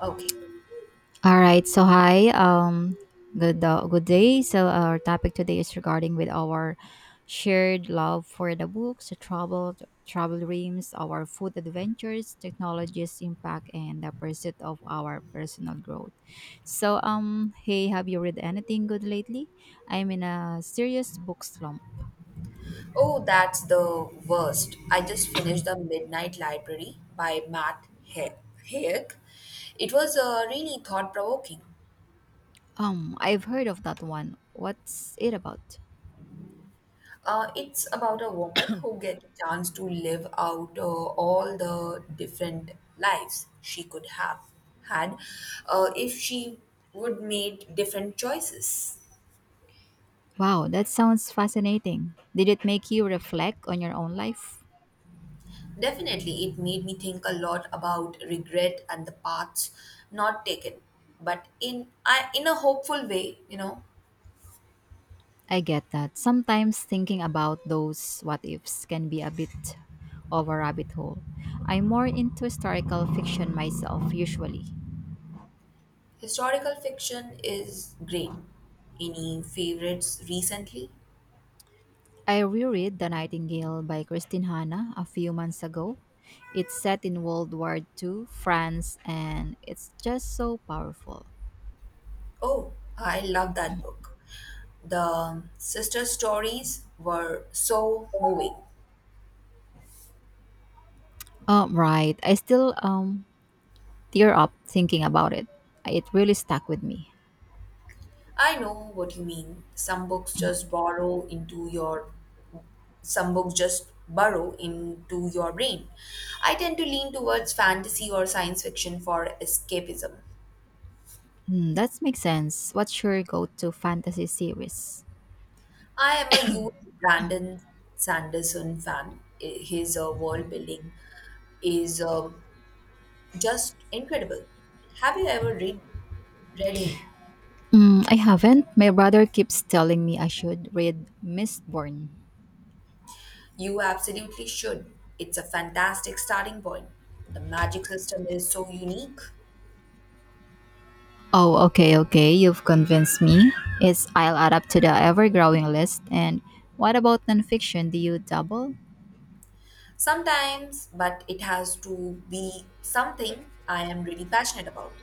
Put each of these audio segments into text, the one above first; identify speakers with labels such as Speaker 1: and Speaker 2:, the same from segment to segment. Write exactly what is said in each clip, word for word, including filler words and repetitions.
Speaker 1: Okay.
Speaker 2: All right. So hi. Um. Good. Uh, good day. So our topic today is regarding with our shared love for the books, the travel, travel dreams, our food adventures, technology's impact, and the pursuit of our personal growth. So um. Hey, have you read anything good lately? I'm in a serious book slump.
Speaker 1: Oh, that's the worst. I just finished The Midnight Library by Matt He- Haig. It was uh, really thought provoking.
Speaker 2: Um. I've heard of that one. What's it about?
Speaker 1: Uh, it's about a woman who gets a chance to live out uh, all the different lives she could have had uh, if she would made different choices.
Speaker 2: Wow, that sounds fascinating. Did it make you reflect on your own life?
Speaker 1: Definitely, it made me think a lot about regret and the paths not taken, but in I, in a hopeful way, you know.
Speaker 2: I get that. Sometimes thinking about those what ifs can be a bit of a rabbit hole. I'm more into historical fiction myself, usually.
Speaker 1: Historical fiction is great. Any favorites recently?
Speaker 2: I reread The Nightingale by Christine Hanna a few months ago. It's set in World War two, France, and it's just so powerful.
Speaker 1: Oh, I love that book. The sister stories were so moving.
Speaker 2: Oh, right. I still um tear up thinking about it. It really stuck with me.
Speaker 1: I know what you mean. Some books just borrow into your some books just burrow into your brain. I tend to lean towards fantasy or science fiction for escapism.
Speaker 2: Hmm, that makes sense. What's your go to fantasy series?
Speaker 1: I am a huge Brandon Sanderson fan. I- His uh, world building is um just incredible. Have you ever read, read him?
Speaker 2: Mm, I haven't. My brother keeps telling me I should read Mistborn.
Speaker 1: You absolutely should. It's a fantastic starting point. The magic system is so unique
Speaker 2: Oh, okay, okay. You've convinced me. It's I'll add up to the ever-growing list. And what about nonfiction? Do you double?
Speaker 1: sometimes, but it has to be something I am really passionate about.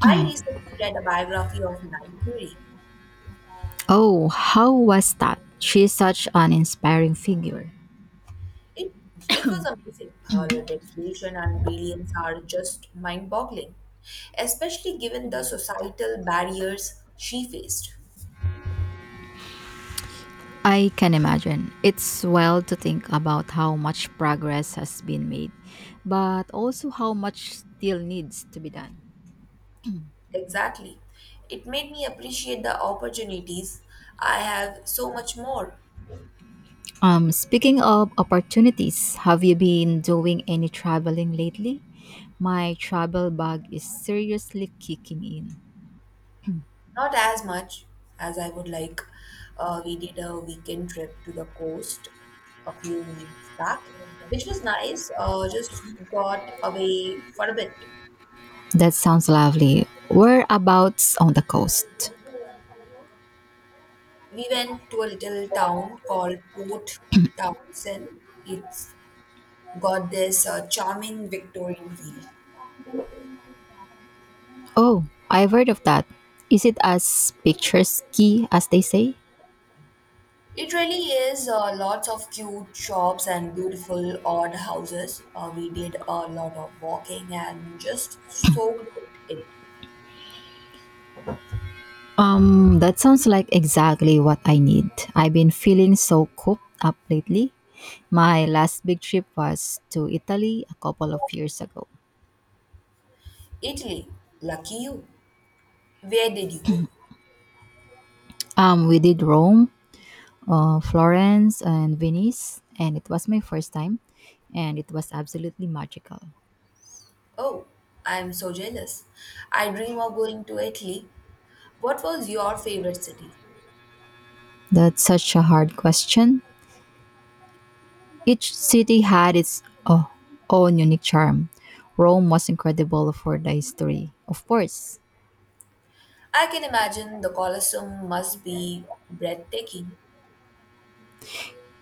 Speaker 1: I recently read a biography of Marie Curie.
Speaker 2: Oh, how was that? She's such an inspiring figure.
Speaker 1: It, it was amazing. Her dedication and brilliance are just mind boggling, especially given the societal barriers she faced.
Speaker 2: I can imagine. It's well to think about how much progress has been made, but also how much still needs to be done.
Speaker 1: Exactly. It made me appreciate the opportunities I have so much more.
Speaker 2: Um, speaking of opportunities, have you been doing any traveling lately? My travel bug is seriously kicking in.
Speaker 1: Not as much as I would like. Uh, we did a weekend trip to the coast a few weeks back, which was nice. Uh, just got away for a bit.
Speaker 2: That sounds lovely. Whereabouts on the coast?
Speaker 1: We went to a little town called Port Townsend. It's got this uh, charming Victorian feel.
Speaker 2: Oh, I've heard of that. Is it as picturesque as they say?
Speaker 1: It really is, uh, lots of cute shops and beautiful odd houses. Uh, we did a lot of walking and just soaked it in.
Speaker 2: Um, that sounds like exactly what I need. I've been feeling so cooped up lately. My last big trip was to Italy a couple of years ago.
Speaker 1: Italy. Lucky you. Where did you go?
Speaker 2: Um, we did Rome, uh, Florence and Venice, and it was my first time, and it was absolutely magical.
Speaker 1: Oh, I'm so jealous. I dream of going to Italy. What was your favorite city?
Speaker 2: That's such a hard question. Each city had its oh, own unique charm. Rome was incredible for the history, of course.
Speaker 1: I can imagine the Colosseum must be breathtaking.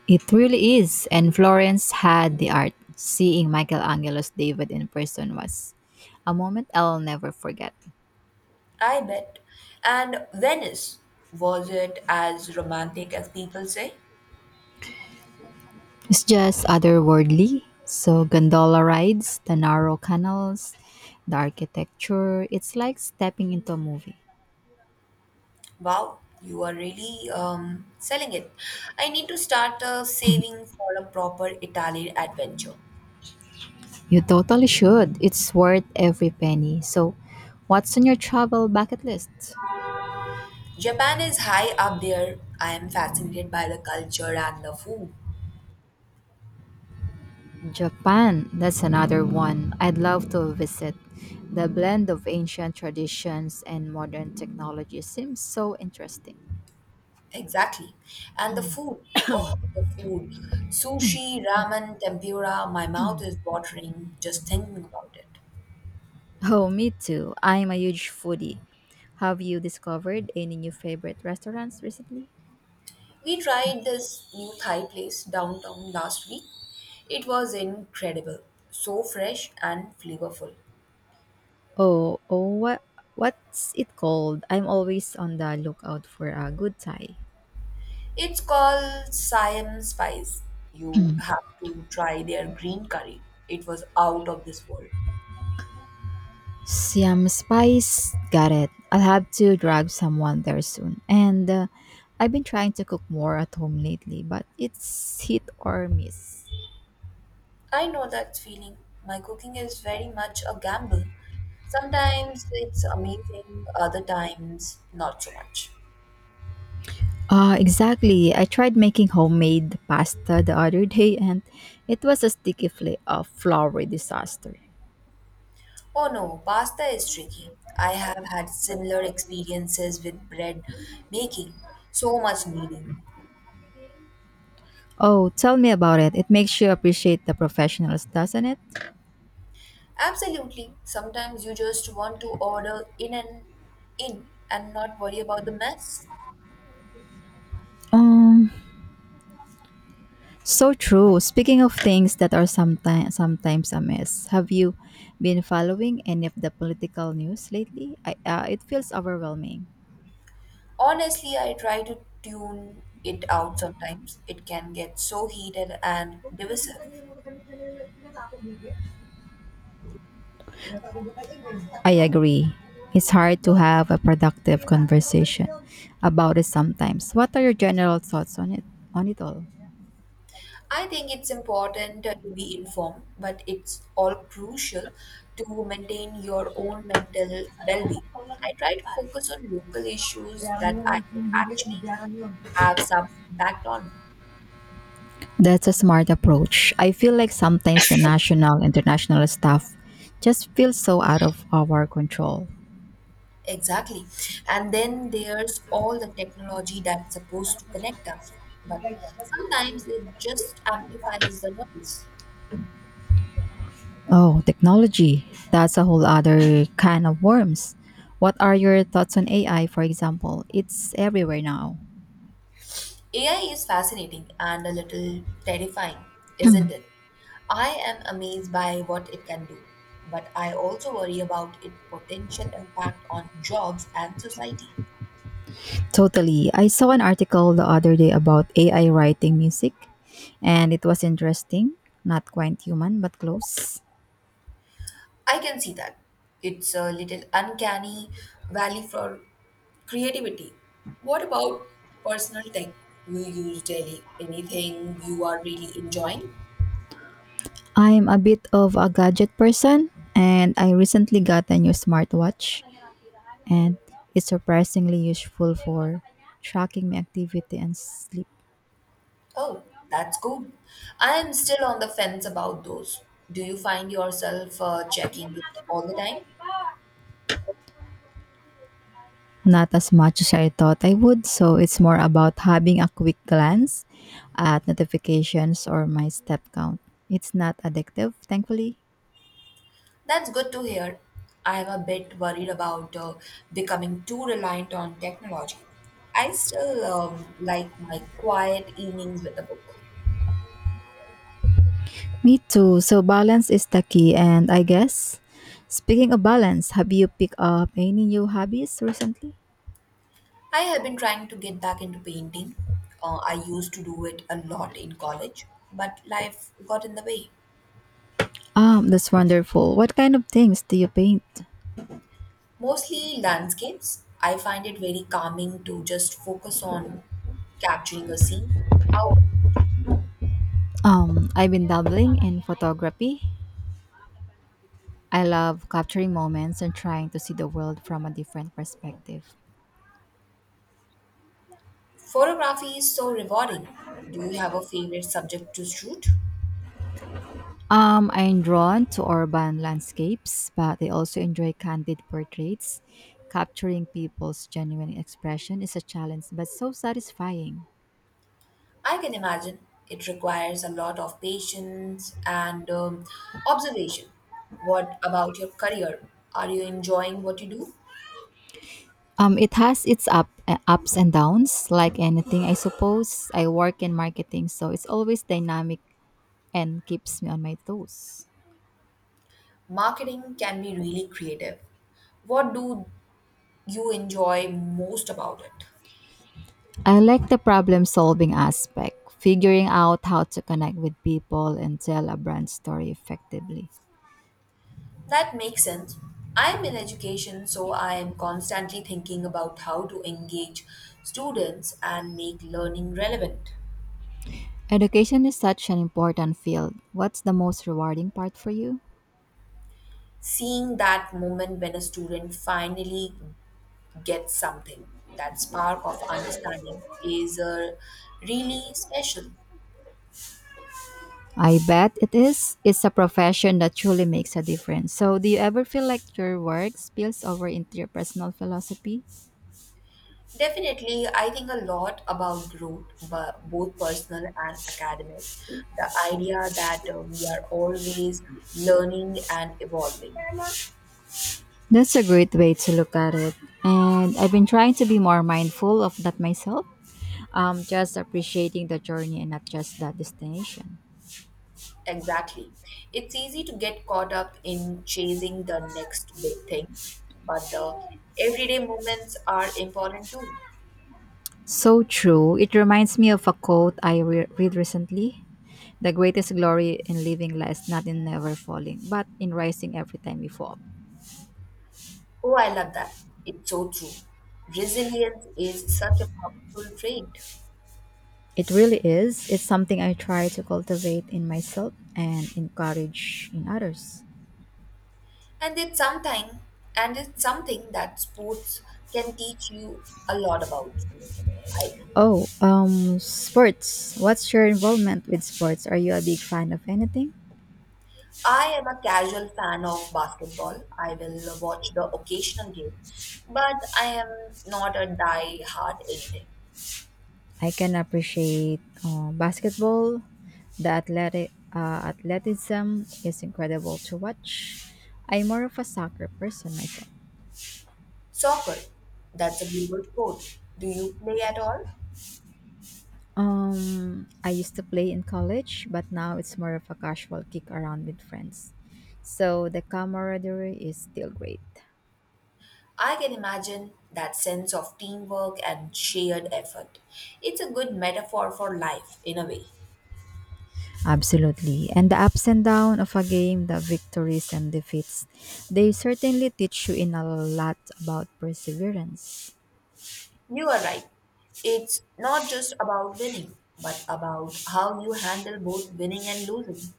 Speaker 2: It really is, and Florence had the art. Seeing Michelangelo's David in person was a moment I'll never forget.
Speaker 1: I bet. And Venice, was it as romantic as people say?
Speaker 2: It's just otherworldly. So gondola rides, the narrow canals, the architecture, it's like stepping into a movie.
Speaker 1: Wow, you are really um, selling it. I need to start uh, saving for a proper Italian adventure.
Speaker 2: You totally should. It's worth every penny. So, what's on your travel bucket list?
Speaker 1: Japan is high up there. I am fascinated by the culture and the food.
Speaker 2: Japan, that's another one I'd love to visit. The blend of ancient traditions and modern technology seems so interesting.
Speaker 1: Exactly. And the food. Oh, the food. Sushi, ramen, tempura. My mouth is watering just thinking about it.
Speaker 2: Oh, me too. I'm a huge foodie. Have you discovered any new favorite restaurants recently?
Speaker 1: We tried this new Thai place downtown last week. It was incredible, so fresh and flavorful.
Speaker 2: Oh, oh, what what's it called? I'm always on the lookout for a good Thai.
Speaker 1: It's called Siam Spice. You have to try their green curry. It was out of this world.
Speaker 2: Siam spice, got it. I'll have to drag someone there soon. And uh, I've been trying to cook more at home lately, but it's hit or miss.
Speaker 1: I know that feeling. My cooking is very much a gamble. Sometimes it's amazing, other times not so much.
Speaker 2: Uh, exactly. I tried making homemade pasta the other day and it was a sticky fla- uh, flour disaster.
Speaker 1: Oh no, pasta is tricky. I have had similar experiences with bread making. So much kneading.
Speaker 2: Oh, tell me about it. It makes you appreciate the professionals, doesn't it?
Speaker 1: Absolutely. Sometimes you just want to order in and in and not worry about the mess.
Speaker 2: Um, So true. Speaking of things that are sometimes sometimes a mess, have you been following any of the political news lately? I, uh, it feels overwhelming.
Speaker 1: Honestly, I try to tune it out sometimes. It can get so heated and divisive.
Speaker 2: I agree. It's hard to have a productive conversation about it sometimes. What are your general thoughts on it? On it all.
Speaker 1: I think it's important to be informed, but it's all crucial to maintain your own mental well being. I try to focus on local issues that I can actually have some impact on.
Speaker 2: That's a smart approach. I feel like sometimes the national, international stuff just feels so out of our control.
Speaker 1: Exactly. And then there's all the technology that's supposed to connect us, but sometimes it just amplifies the noise.
Speaker 2: Oh, technology. That's a whole other kind of worms. What are your thoughts on A I, for example? It's everywhere now.
Speaker 1: A I is fascinating and a little terrifying, isn't it? I am amazed by what it can do, but I also worry about its potential impact on jobs and society.
Speaker 2: Totally. I saw an article the other day about A I writing music, and it was interesting. Not quite human, but close.
Speaker 1: I can see that. It's a little uncanny valley for creativity. What about personal tech you use daily? Anything you are really enjoying?
Speaker 2: I'm a bit of a gadget person, and I recently got a new smartwatch, and it's surprisingly useful for tracking my activity and sleep.
Speaker 1: Oh, that's good. I am still on the fence about those. Do you find yourself uh, checking it all the time?
Speaker 2: Not as much as I thought I would, so it's more about having a quick glance at notifications or my step count. It's not addictive, thankfully.
Speaker 1: That's good to hear. I am a bit worried about uh, becoming too reliant on technology. I still um, like my quiet evenings with a book.
Speaker 2: Me too. So balance is the key, and I guess speaking of balance, have you picked up any new hobbies recently?
Speaker 1: I have been trying to get back into painting. Uh, I used to do it a lot in college, but life got in the way.
Speaker 2: Um, that's wonderful. What kind of things do you paint?
Speaker 1: Mostly landscapes. I find it very calming to just focus on capturing a scene. How
Speaker 2: Um, I've been dabbling in photography. I love capturing moments and trying to see the world from a different perspective.
Speaker 1: photography is so rewarding. Do you have a favorite subject to shoot?
Speaker 2: Um, I'm drawn to urban landscapes, but I also enjoy candid portraits. Capturing people's genuine expression is a challenge, but so satisfying.
Speaker 1: I can imagine it requires a lot of patience and um, observation. What about your career? Are you enjoying what you do?
Speaker 2: Um, it has its up, uh, ups and downs, like anything, I suppose. I work in marketing, so it's always dynamic and keeps me on my toes.
Speaker 1: Marketing can be really creative. What do you enjoy most about it?
Speaker 2: I like the problem solving aspect, figuring out how to connect with people and tell a brand story effectively.
Speaker 1: That makes sense. I'm in education, so I am constantly thinking about how to engage students and make learning relevant.
Speaker 2: Education is such an important field. What's the most rewarding part for you?
Speaker 1: Seeing that moment when a student finally gets something, that spark of understanding, is uh, really special.
Speaker 2: I bet it is. It's a profession that truly makes a difference. So, do you ever feel like your work spills over into your personal philosophy?
Speaker 1: Definitely, I think a lot about growth, but both personal and academic. The idea that uh, we are always learning and evolving.
Speaker 2: That's a great way to look at it. And I've been trying to be more mindful of that myself. Um, just appreciating the journey and not just the destination.
Speaker 1: Exactly. It's easy to get caught up in chasing the next big thing, but the everyday moments are important too.
Speaker 2: So true. It reminds me of a quote I re- read recently. The greatest glory in living lies not in never falling, but in rising every time we fall.
Speaker 1: Oh, I love that. It's so true. Resilience is such a powerful trait.
Speaker 2: It really is. It's something I try to cultivate in myself and encourage in others.
Speaker 1: And it's something and it's something that sports can teach you a lot about too, I think.
Speaker 2: Oh, um, sports. What's your involvement with sports? Are you a big fan of anything?
Speaker 1: I am a casual fan of basketball. I will watch the occasional game, but I am not a die hard anything.
Speaker 2: I can appreciate uh, basketball. The athletic uh, athleticism is incredible to watch. I'm more of a soccer person myself.
Speaker 1: Soccer, that's a global sport. Do you play at all?
Speaker 2: Um, I used to play in college, but now it's more of a casual kick around with friends. So the camaraderie is still great.
Speaker 1: I can imagine that sense of teamwork and shared effort. It's a good metaphor for life, in a way.
Speaker 2: Absolutely. And the ups and downs of a game, the victories and defeats, they certainly teach you in a lot about perseverance.
Speaker 1: You are right. It's not just about winning, but about how you handle both winning and losing.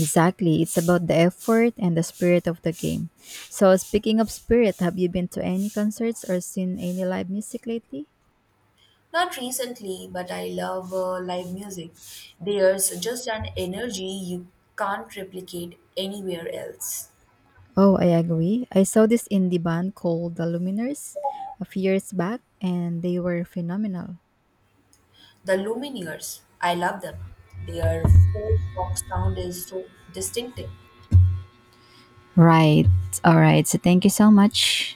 Speaker 2: Exactly. It's about the effort and the spirit of the game. So speaking of spirit, have you been to any concerts or seen any live music lately?
Speaker 1: Not recently, but I love uh, live music. There's just an energy you can't replicate anywhere else.
Speaker 2: Oh, I agree. I saw this indie band called The Luminers a few years back, and they were phenomenal.
Speaker 1: The Lumineers, I love them. Their folk rock sound is so distinctive.
Speaker 2: Right. All right. So thank you so much.